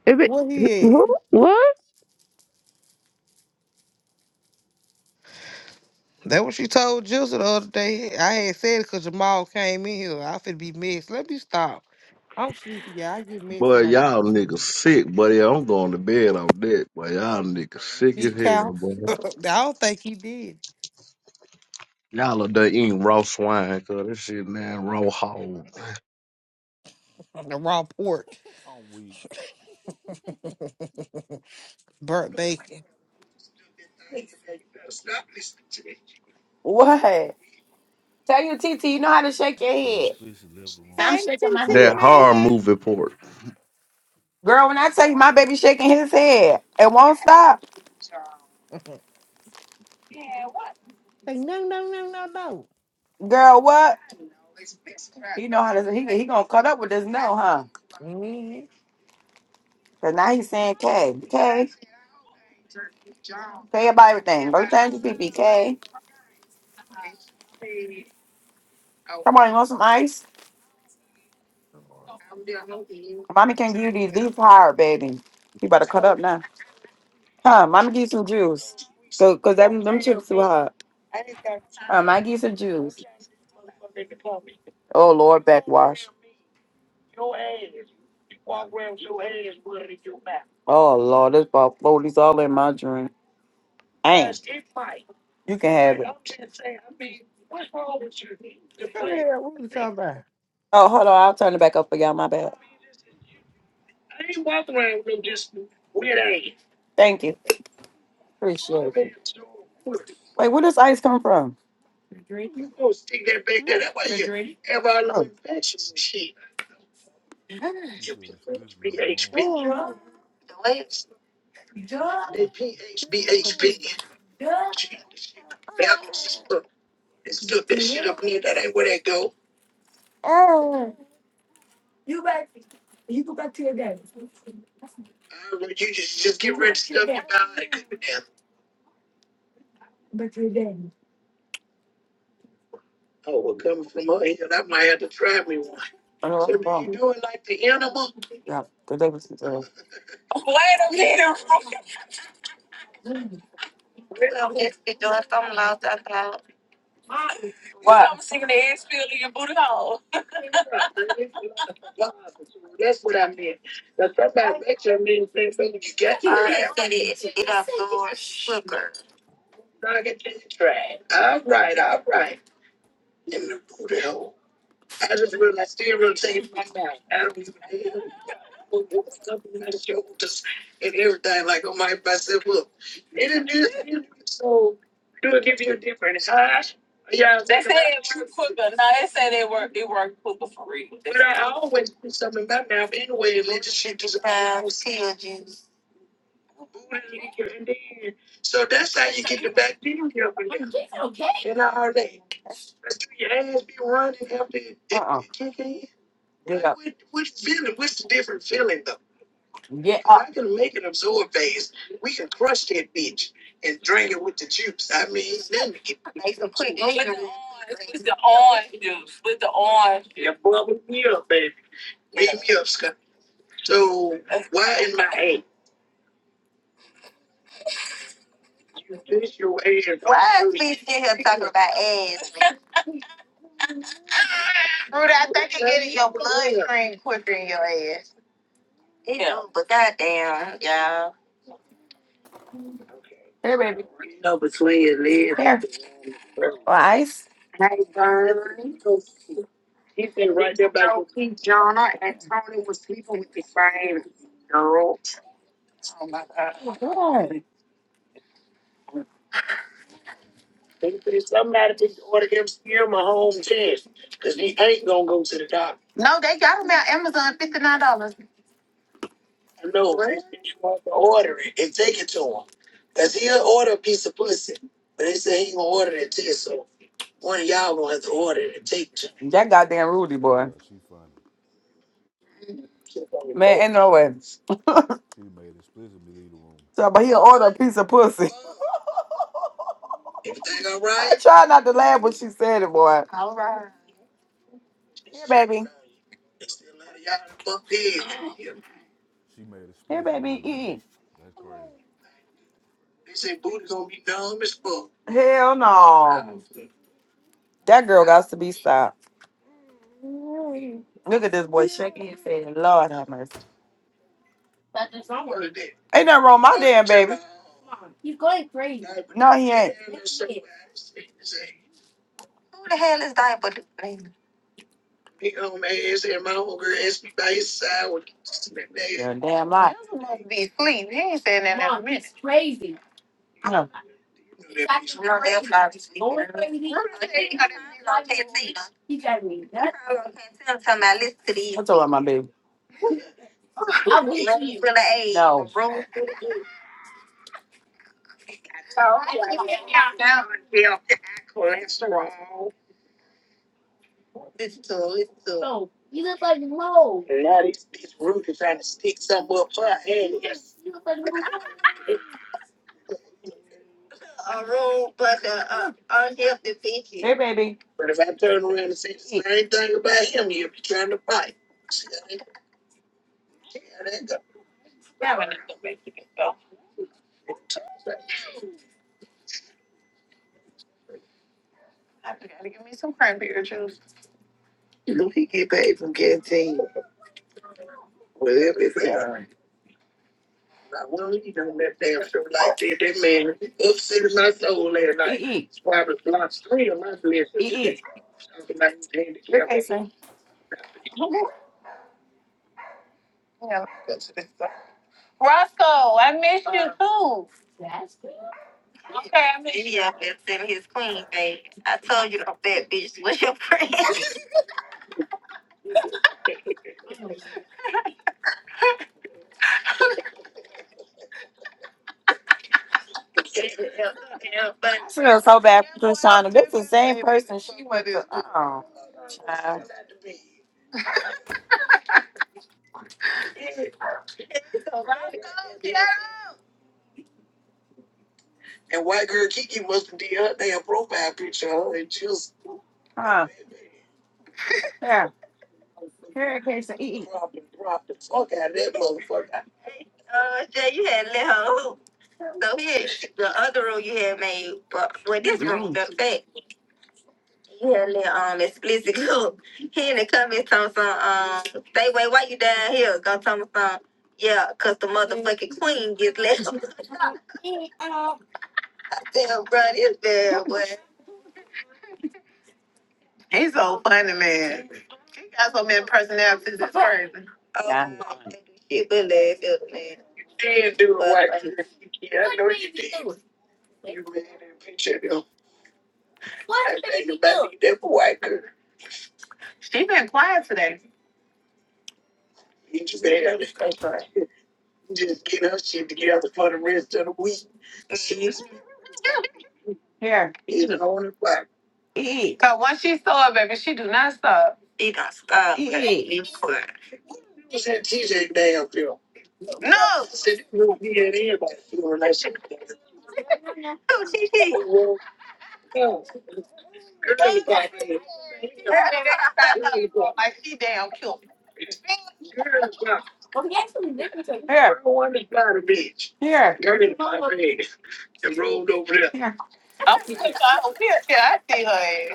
H: If it,
D: What
H: [clears throat]
D: he at?
H: who, what?
D: That what she told Jizzle the other day. I had said it because Jamal came in here. I finna be messed. Let me stop. I'm sleepy. Yeah, I get
A: [laughs]
D: messed
A: boy,
D: when I get
A: y'all
D: sleepy.
A: niggas sick, buddy. I'm going to bed off that. Boy, y'all niggas sick as
D: Big cow.
A: hell, boy.
D: [laughs] I don't think he did.
A: Y'all are done eating raw swine, cuz this shit, man, raw hog.
D: On the raw pork,
I: I'm weak.
D: burnt bacon.
B: What? Tell your TT, you know how to shake your
I: So
B: head.
I: explicit left the
B: So
I: room.
B: I'm
D: Hey,
B: shaking
D: T
B: my
D: T
B: head.
A: That horror
D: man.
A: movie part.
B: Girl, when I tell you my baby shaking his head and won't stop,
D: [laughs] Say no, no, no, no, no.
B: girl, what? He know how to, he, he gonna cut up with this no, huh?
D: Mm-hmm.
B: Cause now he's saying K. K. K about everything. Go change your PPK. Come on, you want some ice? Mommy can give you these these higher, baby. You better cut up now. Huh? Mommy give you some juice. So, cause them, them chips too hot. Um, I give you some juice. Oh Lord, backwash. Oh Lord, this about floaties all in my drink. Ain't you can have it.
D: Come here. What you talking about?
B: Oh, hold on, I'll turn it back up for y'all. My bad. Thank you. Appreciate it. Wait, where does ice come from? Oh.
I: She said explicit left the room.
B: had to try me one. I know So that's the So do you problem. do it like the animal. Yeah, the devil is uh, That's what I meant. Now somebody bet you I mean the same thing so you got your ass. Knock it to the trash. All right, all right. Back in all day. Be running after it uh uh kick in. Get Like up. what what feeling? What's the different feeling though? Yeah. If I can make an absorb base. We can crush that bitch and drain it with the juice. I mean, let me [laughs] get Make them put it in. Beat me up, Scott. So why? My ass. man. [laughs] Rudy, I think green quicker in your ass. It yeah. do, but goddamn, y'all. Lice? Hey, Vern. Keith Jonah and Tony was sleeping with the same girl. Hmm. No, they got them at Amazon, $59. That goddamn Rudy boy.
I: Yeah, she funny.
B: Man, ain't no way. [laughs]
I: She done made explicit me leave the room.
B: So, but he'll order a piece of pussy. Right. [laughs] try not to laugh when she said it, boy. All right. Here, baby. Here,
I: She made explicit leave
B: baby,
I: the room.
B: eat.
I: That's crazy.
B: Hell no. That girl got to be stopped. Look at this boy shaking his head. Lord have mercy. Ain't nothing wrong with my damn baby. No, he ain't. Who the hell is diaper? Big old ass and my whole girl asked me by his side with your damn life. Be asleep. He ain't saying that. No. I'm talking about listen to these. Put an A. No. Room. Oh, yeah. Yeah. Listen to it. Listen to Uh, Hey, babe. I gotta give me some cranberry juice. Yeah. Roscoe, I miss you too. Okay, I miss you. Yeah, that's in his queen, babe. I told you that fat bitch was your friend. she was so bad for Shauna. This is the same person she went to. Oh, child. Huh. Yeah. Uh, Jay, you had little. So yeah, the other room you had made, but with this room, the fact you had a little um explicit [laughs] look. He in the comments on some um stay wait why you down here gonna tell me some yeah, cause the motherfucking queen gets left. [laughs] Damn, bro, this bad boy. He's so funny, man. He got so many personalities. It's crazy. Oh, Yeah. she been laugh at man. She been quiet today. Here, eat, Cause once she saw it, baby, she do not stop. Oh, eat. leave me Like she damn cute. Here, here, here. I'm [laughs] I don't care. Yeah, I see her ass.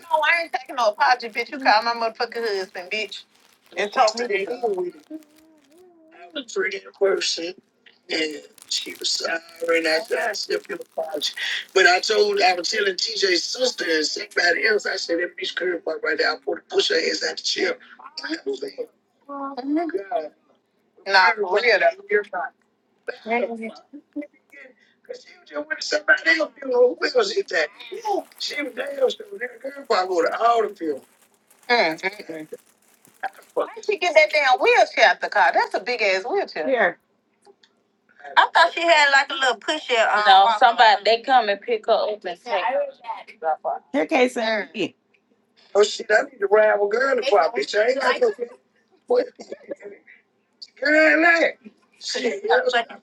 B: No, I ain't taking no apology, bitch. You call my motherfucking husband, bitch. And talk. Mm, mm, mm. Why did she get that damn wheelchair out the car? That's a big ass wheelchair. Here, I thought she had like a little pusher. Um, no, somebody. here, Casey. Mm. Here.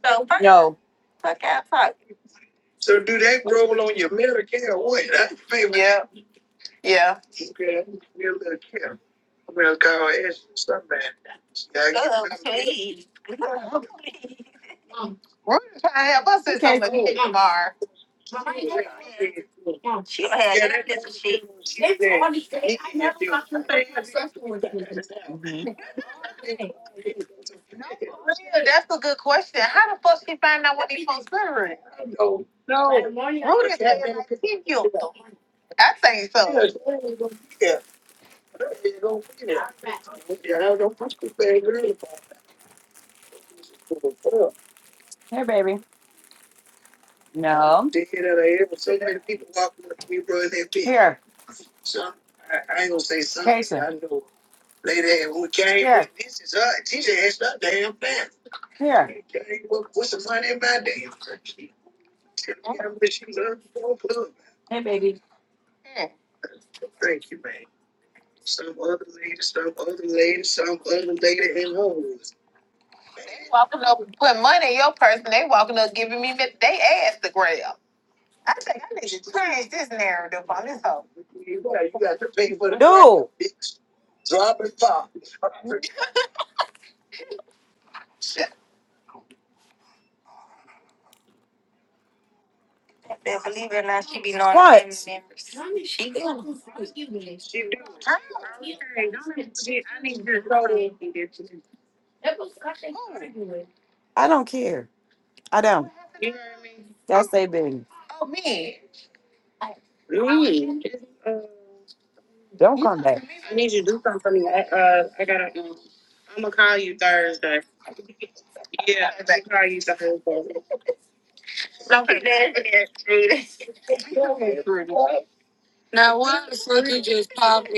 B: So first, Yo, yeah, yeah. she We're trying to help us here, in some of Casey. the car. she don't have. Mhm. Real, that's a good question. How the fuck she find out what these folks are? No. Who the hell you? I think so. Yeah. Hmm. Walking up, putting money in your purse, and they walking up giving me mi- they ass to grab. I think I need to change this narrative on this hoe. Then believe it or not, she be knowing the family what? family members. I don't know. I don't care. I don't. You know What happened to her and That's their business. Don't you come back. I need you to. I'm gonna call you Thursday. Yeah, I'm gonna call you Thursday. [laughs] Don't be nasty. Now what? the fuck you just popped?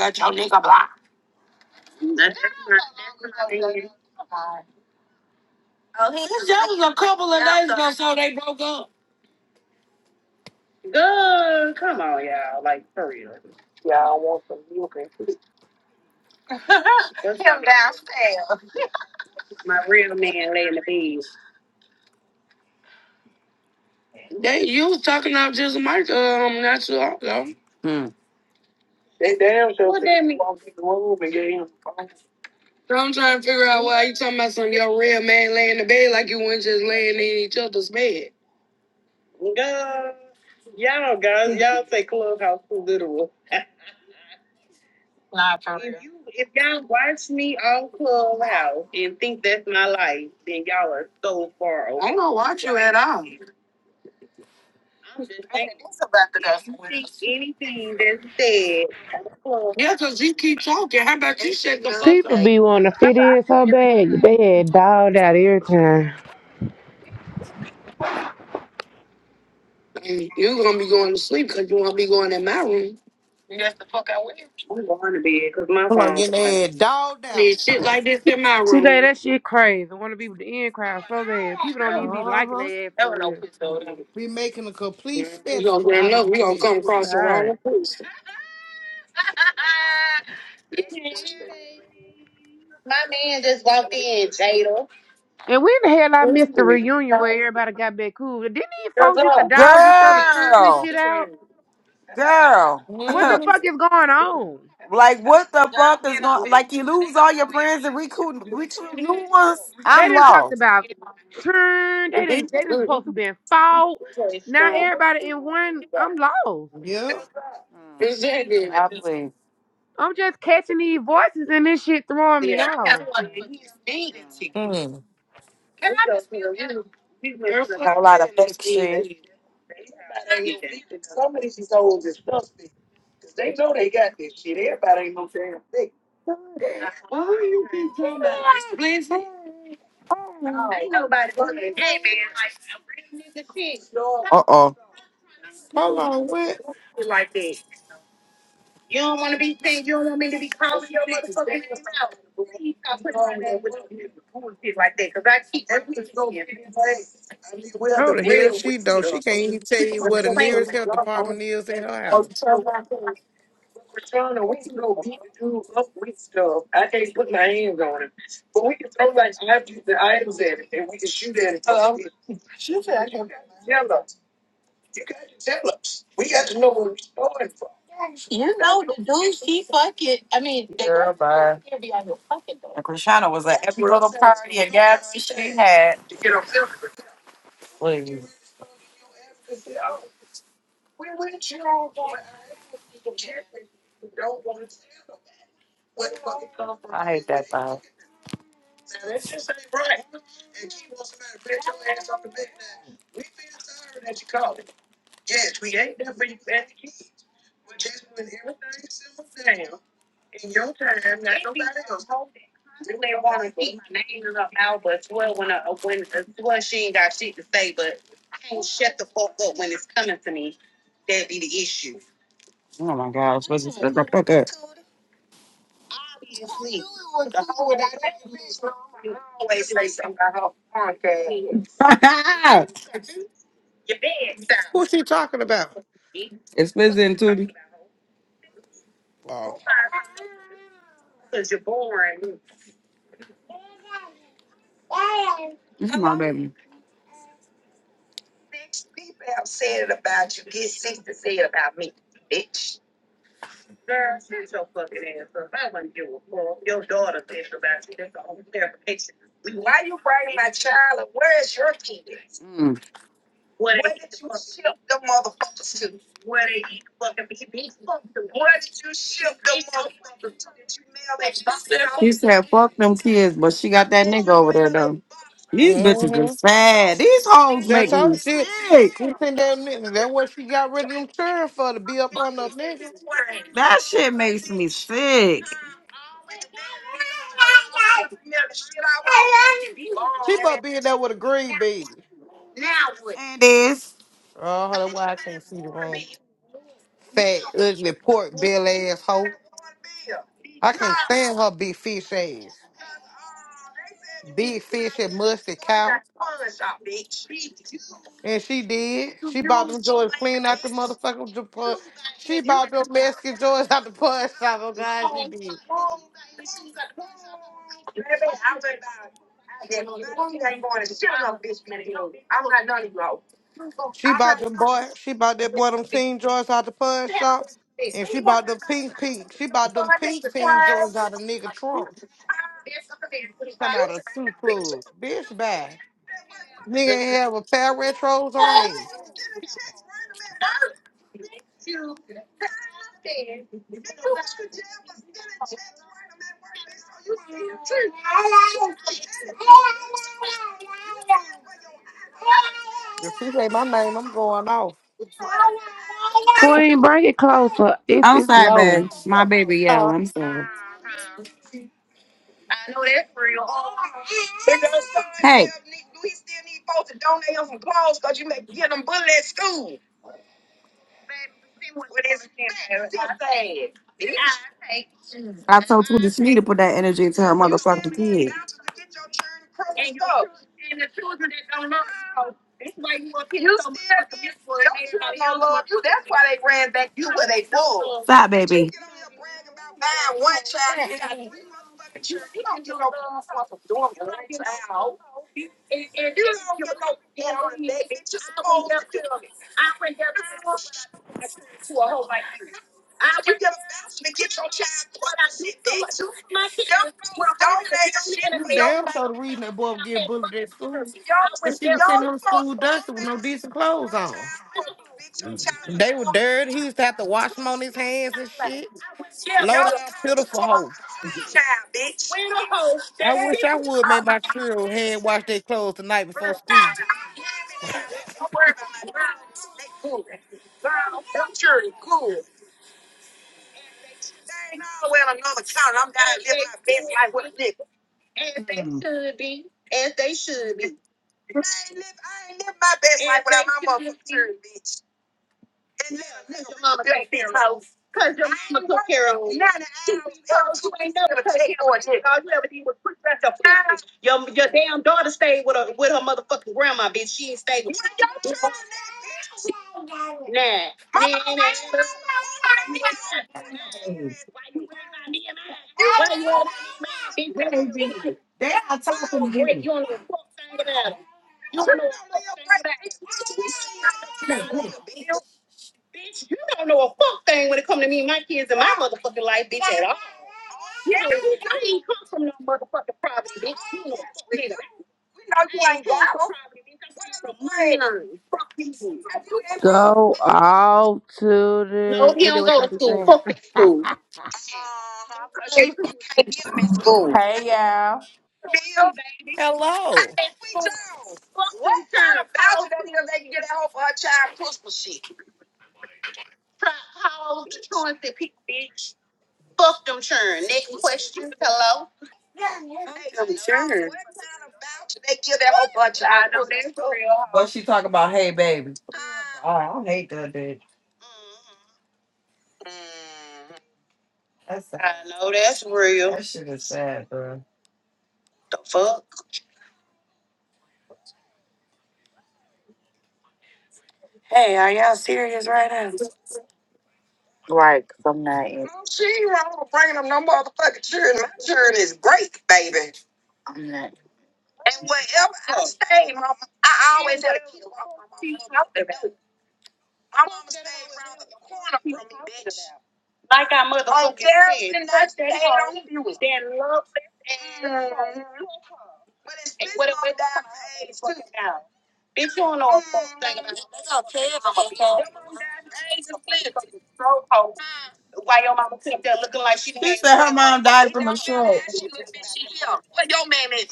B: Got your nigga by. Oh, he that was jealous a couple of days ago, so they broke up. Uh, him downstairs. They, you was talking about just Mike, um, not too long ago. Trying to figure out why you from your red lady. Girl, y'all guys, y'all say Clubhouse too literal. Nah, for real. if, you, if y'all watch me on Clubhouse and think that's my life, then y'all are so far away. I'm just saying. It's about the gospel. Think anything that's said, Clubhouse.
H: People be wanting to fit in so bad. They had dogged out every time.
B: That's the fuck I will.
D: Come on, getting their head dogged out.
H: Today, that shit crazy. I want to be with the in crowd so bad. People don't even be
D: Uh
H: liking
D: huh.
H: their ass for
B: Never no
H: real.
B: pussy over there.
D: We making a complete spectacle out of themselves.
H: God. And when the hell I missed the reunion where everybody got back cool? Didn't these folks used to dog each other, turn and
B: Girl,
H: shit out?
B: girl.
H: What
B: [laughs]
H: the
D: Mm-hmm.
H: fuck is going on?
B: like what the fuck is going like you lose all your friends and recruit recruit new ones?
H: They
B: I'm
H: didn't talk
B: lost.
H: about churn. They didn't. They didn't supposed to been fault. Now everybody in one. I'm lost.
D: Yeah.
B: Mm, Exactly. I plead.
H: I'm just catching these voices and this shit throwing me
B: Yeah. That's
H: off.
B: why he's speeding mm. ticket.
D: Mm.
B: Can I just you? You girlfriend Whole lot of really fake shit. speeding. Why you keep talking about this, Blizzy? Hey man, like it's a chick.
D: Hold on. What?
B: You don't want to be seen. You don't want me to be calling your mother. Like that, cause I keep.
D: No, the hell she don't. She can't even tell you where the nearest health department is in her house.
B: You know the dude she fucking. I mean, they Girl, bye. Like Rashana was at every little party and gathering she had. Please. I hate that vibe. Guys, what's this? Look, look, look, look. it's coming to me. Yeah, I was supposed to shut the fuck up. You sleep. The whole day, that bitch always say something. [laughs]
D: Who's she talking about?
B: It's Lizzie and Tootie.
D: Oh.
B: [laughs] This is my baby. Bitch, people have said it about you. Get sick to say it about me, bitch. Why you bring my child up? Where's your kids? Mm. Where did you ship them motherfuckers to? did you ship them motherfuckers to? Did you mail that box out? She said, fuck them kids, but she got that nigga over there, though. These bitches are
D: Mm-hmm.
B: sad. These hoes make
D: That's
B: me
D: all she
B: sick.
D: she think that nigga. That's what she got rid of them children for to be up on the nigga.
B: That shit makes me sick.
D: She must be in there with a green baby.
B: And this.
D: Oh, that's why I can't see the room. Fat, ugly, pork belly ass hoe. I can't stand her big fish ass. Big fish and musty cow.
B: bitch. You
D: And she did. She bought them joints clean out the motherfucking j- pu- She
B: baby,
D: bought them Mexican joints out the pawn shop. Oh God, she did.
B: I was.
D: She bought them boy. She bought that boy them teen joints out the pawn shop. And she bought them pink pink. She bought them pink teen joints out of nigga trunk. Come out of two club. Bitch bad. Nigga ain't have a pair of retros on hand. If she say my name, I'm going off.
H: Queen, bring it closer. It's
B: I'm
H: it's
B: sorry,
H: low.
B: babe. My baby yell.
D: Uh,
B: I'm sorry. Hey. I told Tweety Smee to put that energy into her motherfucking kid. still in for it. Don't you know, Lord? You, that's why they ran back you where they pulled. Stop, But you baby. get on here bragging about buying one child and you got three motherfucking child. You don't get no parent that bitch. You're supposed to get parents. You get a voucher to get your child pregnant, bitch. You don't don't donate shit
D: you
B: for your,
D: damn sure the reason that boy would get bullied at school. Cause she
B: your
D: was sending him to
B: folks.
D: school dusty with
B: Donate
D: no decent clothes on.
B: your child for, bitch. Your child's a
D: They were
B: toy.
D: dirty. He used to have to wash them on his hands and shit. Low down,
B: Your child's
D: pitiful hoe.
B: a toy. Child, bitch.
D: I wish I would make my children hand wash their clothes the night before school.
B: They ain't all well another count. I'm I live, I ain't live my best life without my mother too, bitch. And live, live, your mama take this house. Your mama took care of it. Nine hours. Oh, you ain't never take care of it. Huh? Your, your dad with her, bitch. She ain't stable. Your child, now, bitch. My Man, mama Why you all that man? Where Mama bitch at all. No, you ain't got 'em.
H: Go off to the. You know what y'all be saying?
B: Uh-huh, 'cause you, you can't get them at school.
J: Hey y'all.
D: Hello.
B: Hey, We do. What kind of voucher that nigga let you get at home for her child Christmas shit? Plot holes, insurance that people bitch. Fuck them churn. Next question. Hello. Hey, them churn. What kind of voucher they give that whole bunch of I know that's what What she talking about. Hey, baby. Oh, I hate it. Mm. That's sad. I know that's real. That shit is sad, bro. The fuck? Ain't no She ain't wrong with bringing them no motherfucking children. My children is great, baby. And wherever I stayed, Mama, I always had a kid walk my mama out the My mama stayed around the corner. Yeah, and that's and but it's been what it was. that I know a fuck thing about it. died from a stroke. Well, your man made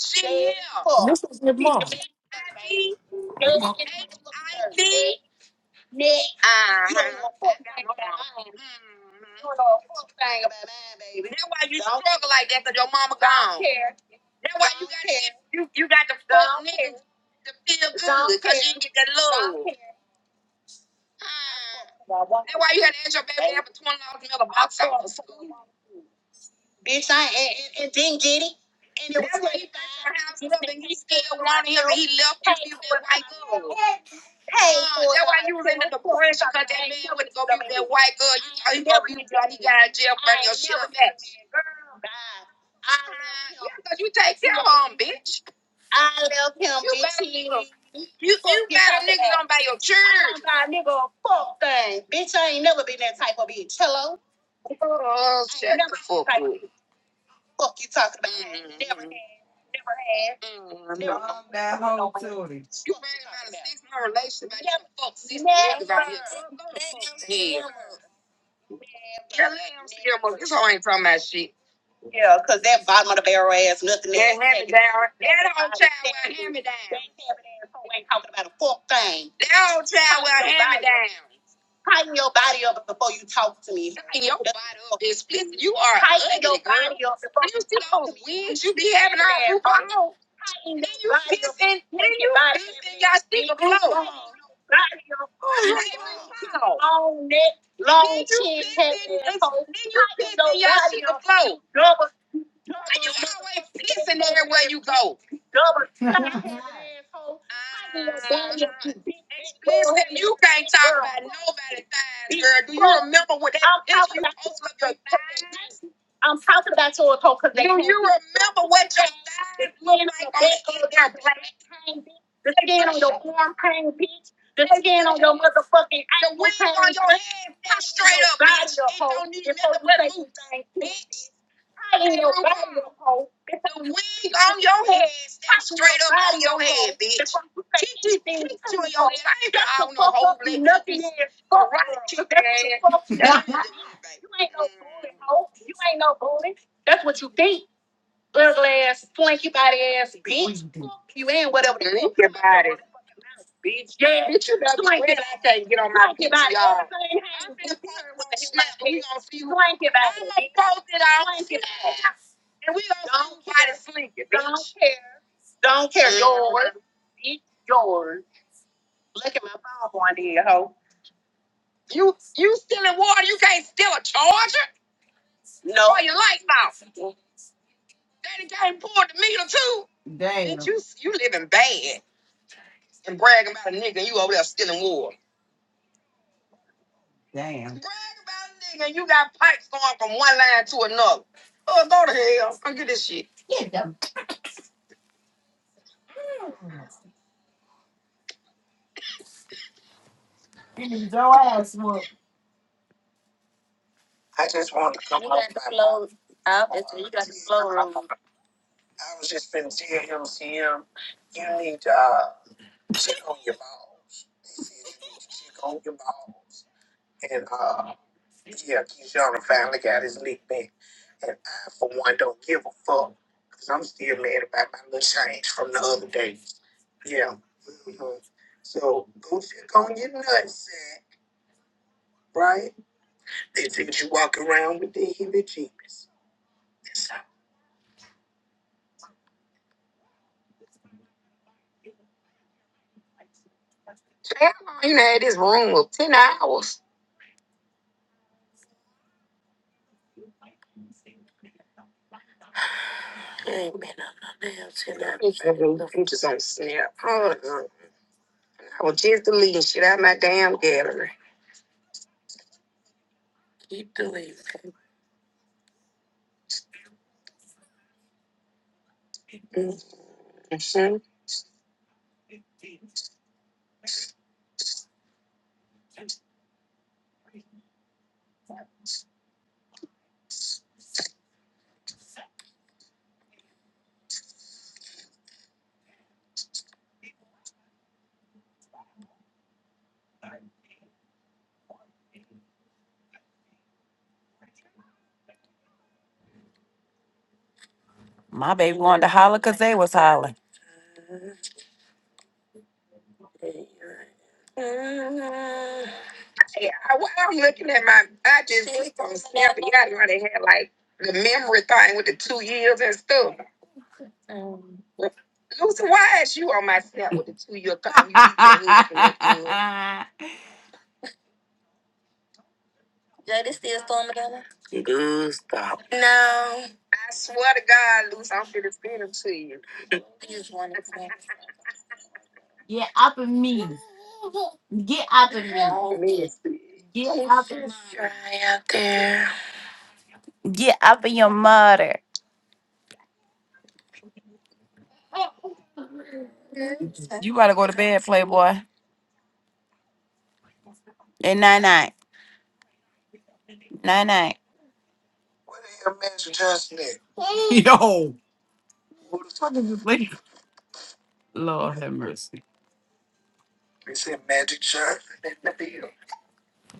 B: She
D: This is good mom.
B: uh, mm, that's why you struggle like that, cause your mama gone. You got the fuck to feel good because you didn't get that love. Mm. That's why you had to ask your baby dad for twenty dollars in a box White girl out of jail because you take them, bitch. Come by your church. Oh, mm, that whole too. It's my relationship. Fuck, going from my shit. Down, down, down. Explicit. You are win out. Go. There you go. [laughs] I- Nobody died. Girl, do Remember what? they- Remember what? they- they- they- You better go sleep. Look at all that sleep. You you stealing water? You can't steal a charger? Your lights Daddy came poured the meter too. Damn. Bitch, you you living bad and bragging about a nigga and you over there stealing water. Damn. Brag about a nigga and you got pipes going from one line to another. Oh, go to hell. Don't get this shit. Up. ain't been to hell till I- Mm, I was just deleting shit out of my damn gallery. Keep deleting. Wanted to holler because they was hollering. Mhm. Yeah, I, wa- I'm looking at my. I just clicked on Snapchat. I know they had like the memory thing with the two years and stuff. Lucy, why is you on my snap with the two year thing? You can't even look good. [laughs] Jada still storming down there? No. I swear to God, Lucy, I'm finna send them to you. That's nasty. Yeah. Get up in your mother. Okay. You gotta go to bed, Playboy. And night night. Night night.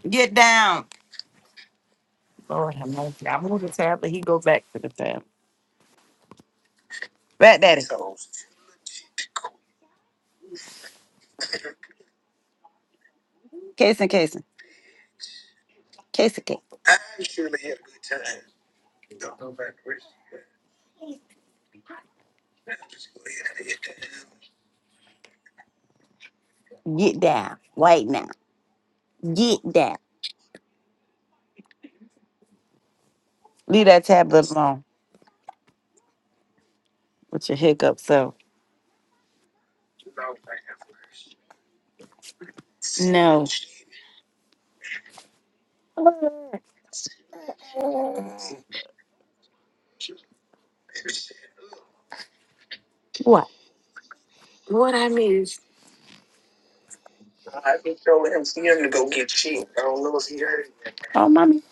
B: Get down. Lord have mercy. I move the tab, but he go back to the tab. Back daddy. Casey, Casey, Casey, Casey, get down right now. Get down. Leave that tablet alone with your hiccup. So, oh, mommy.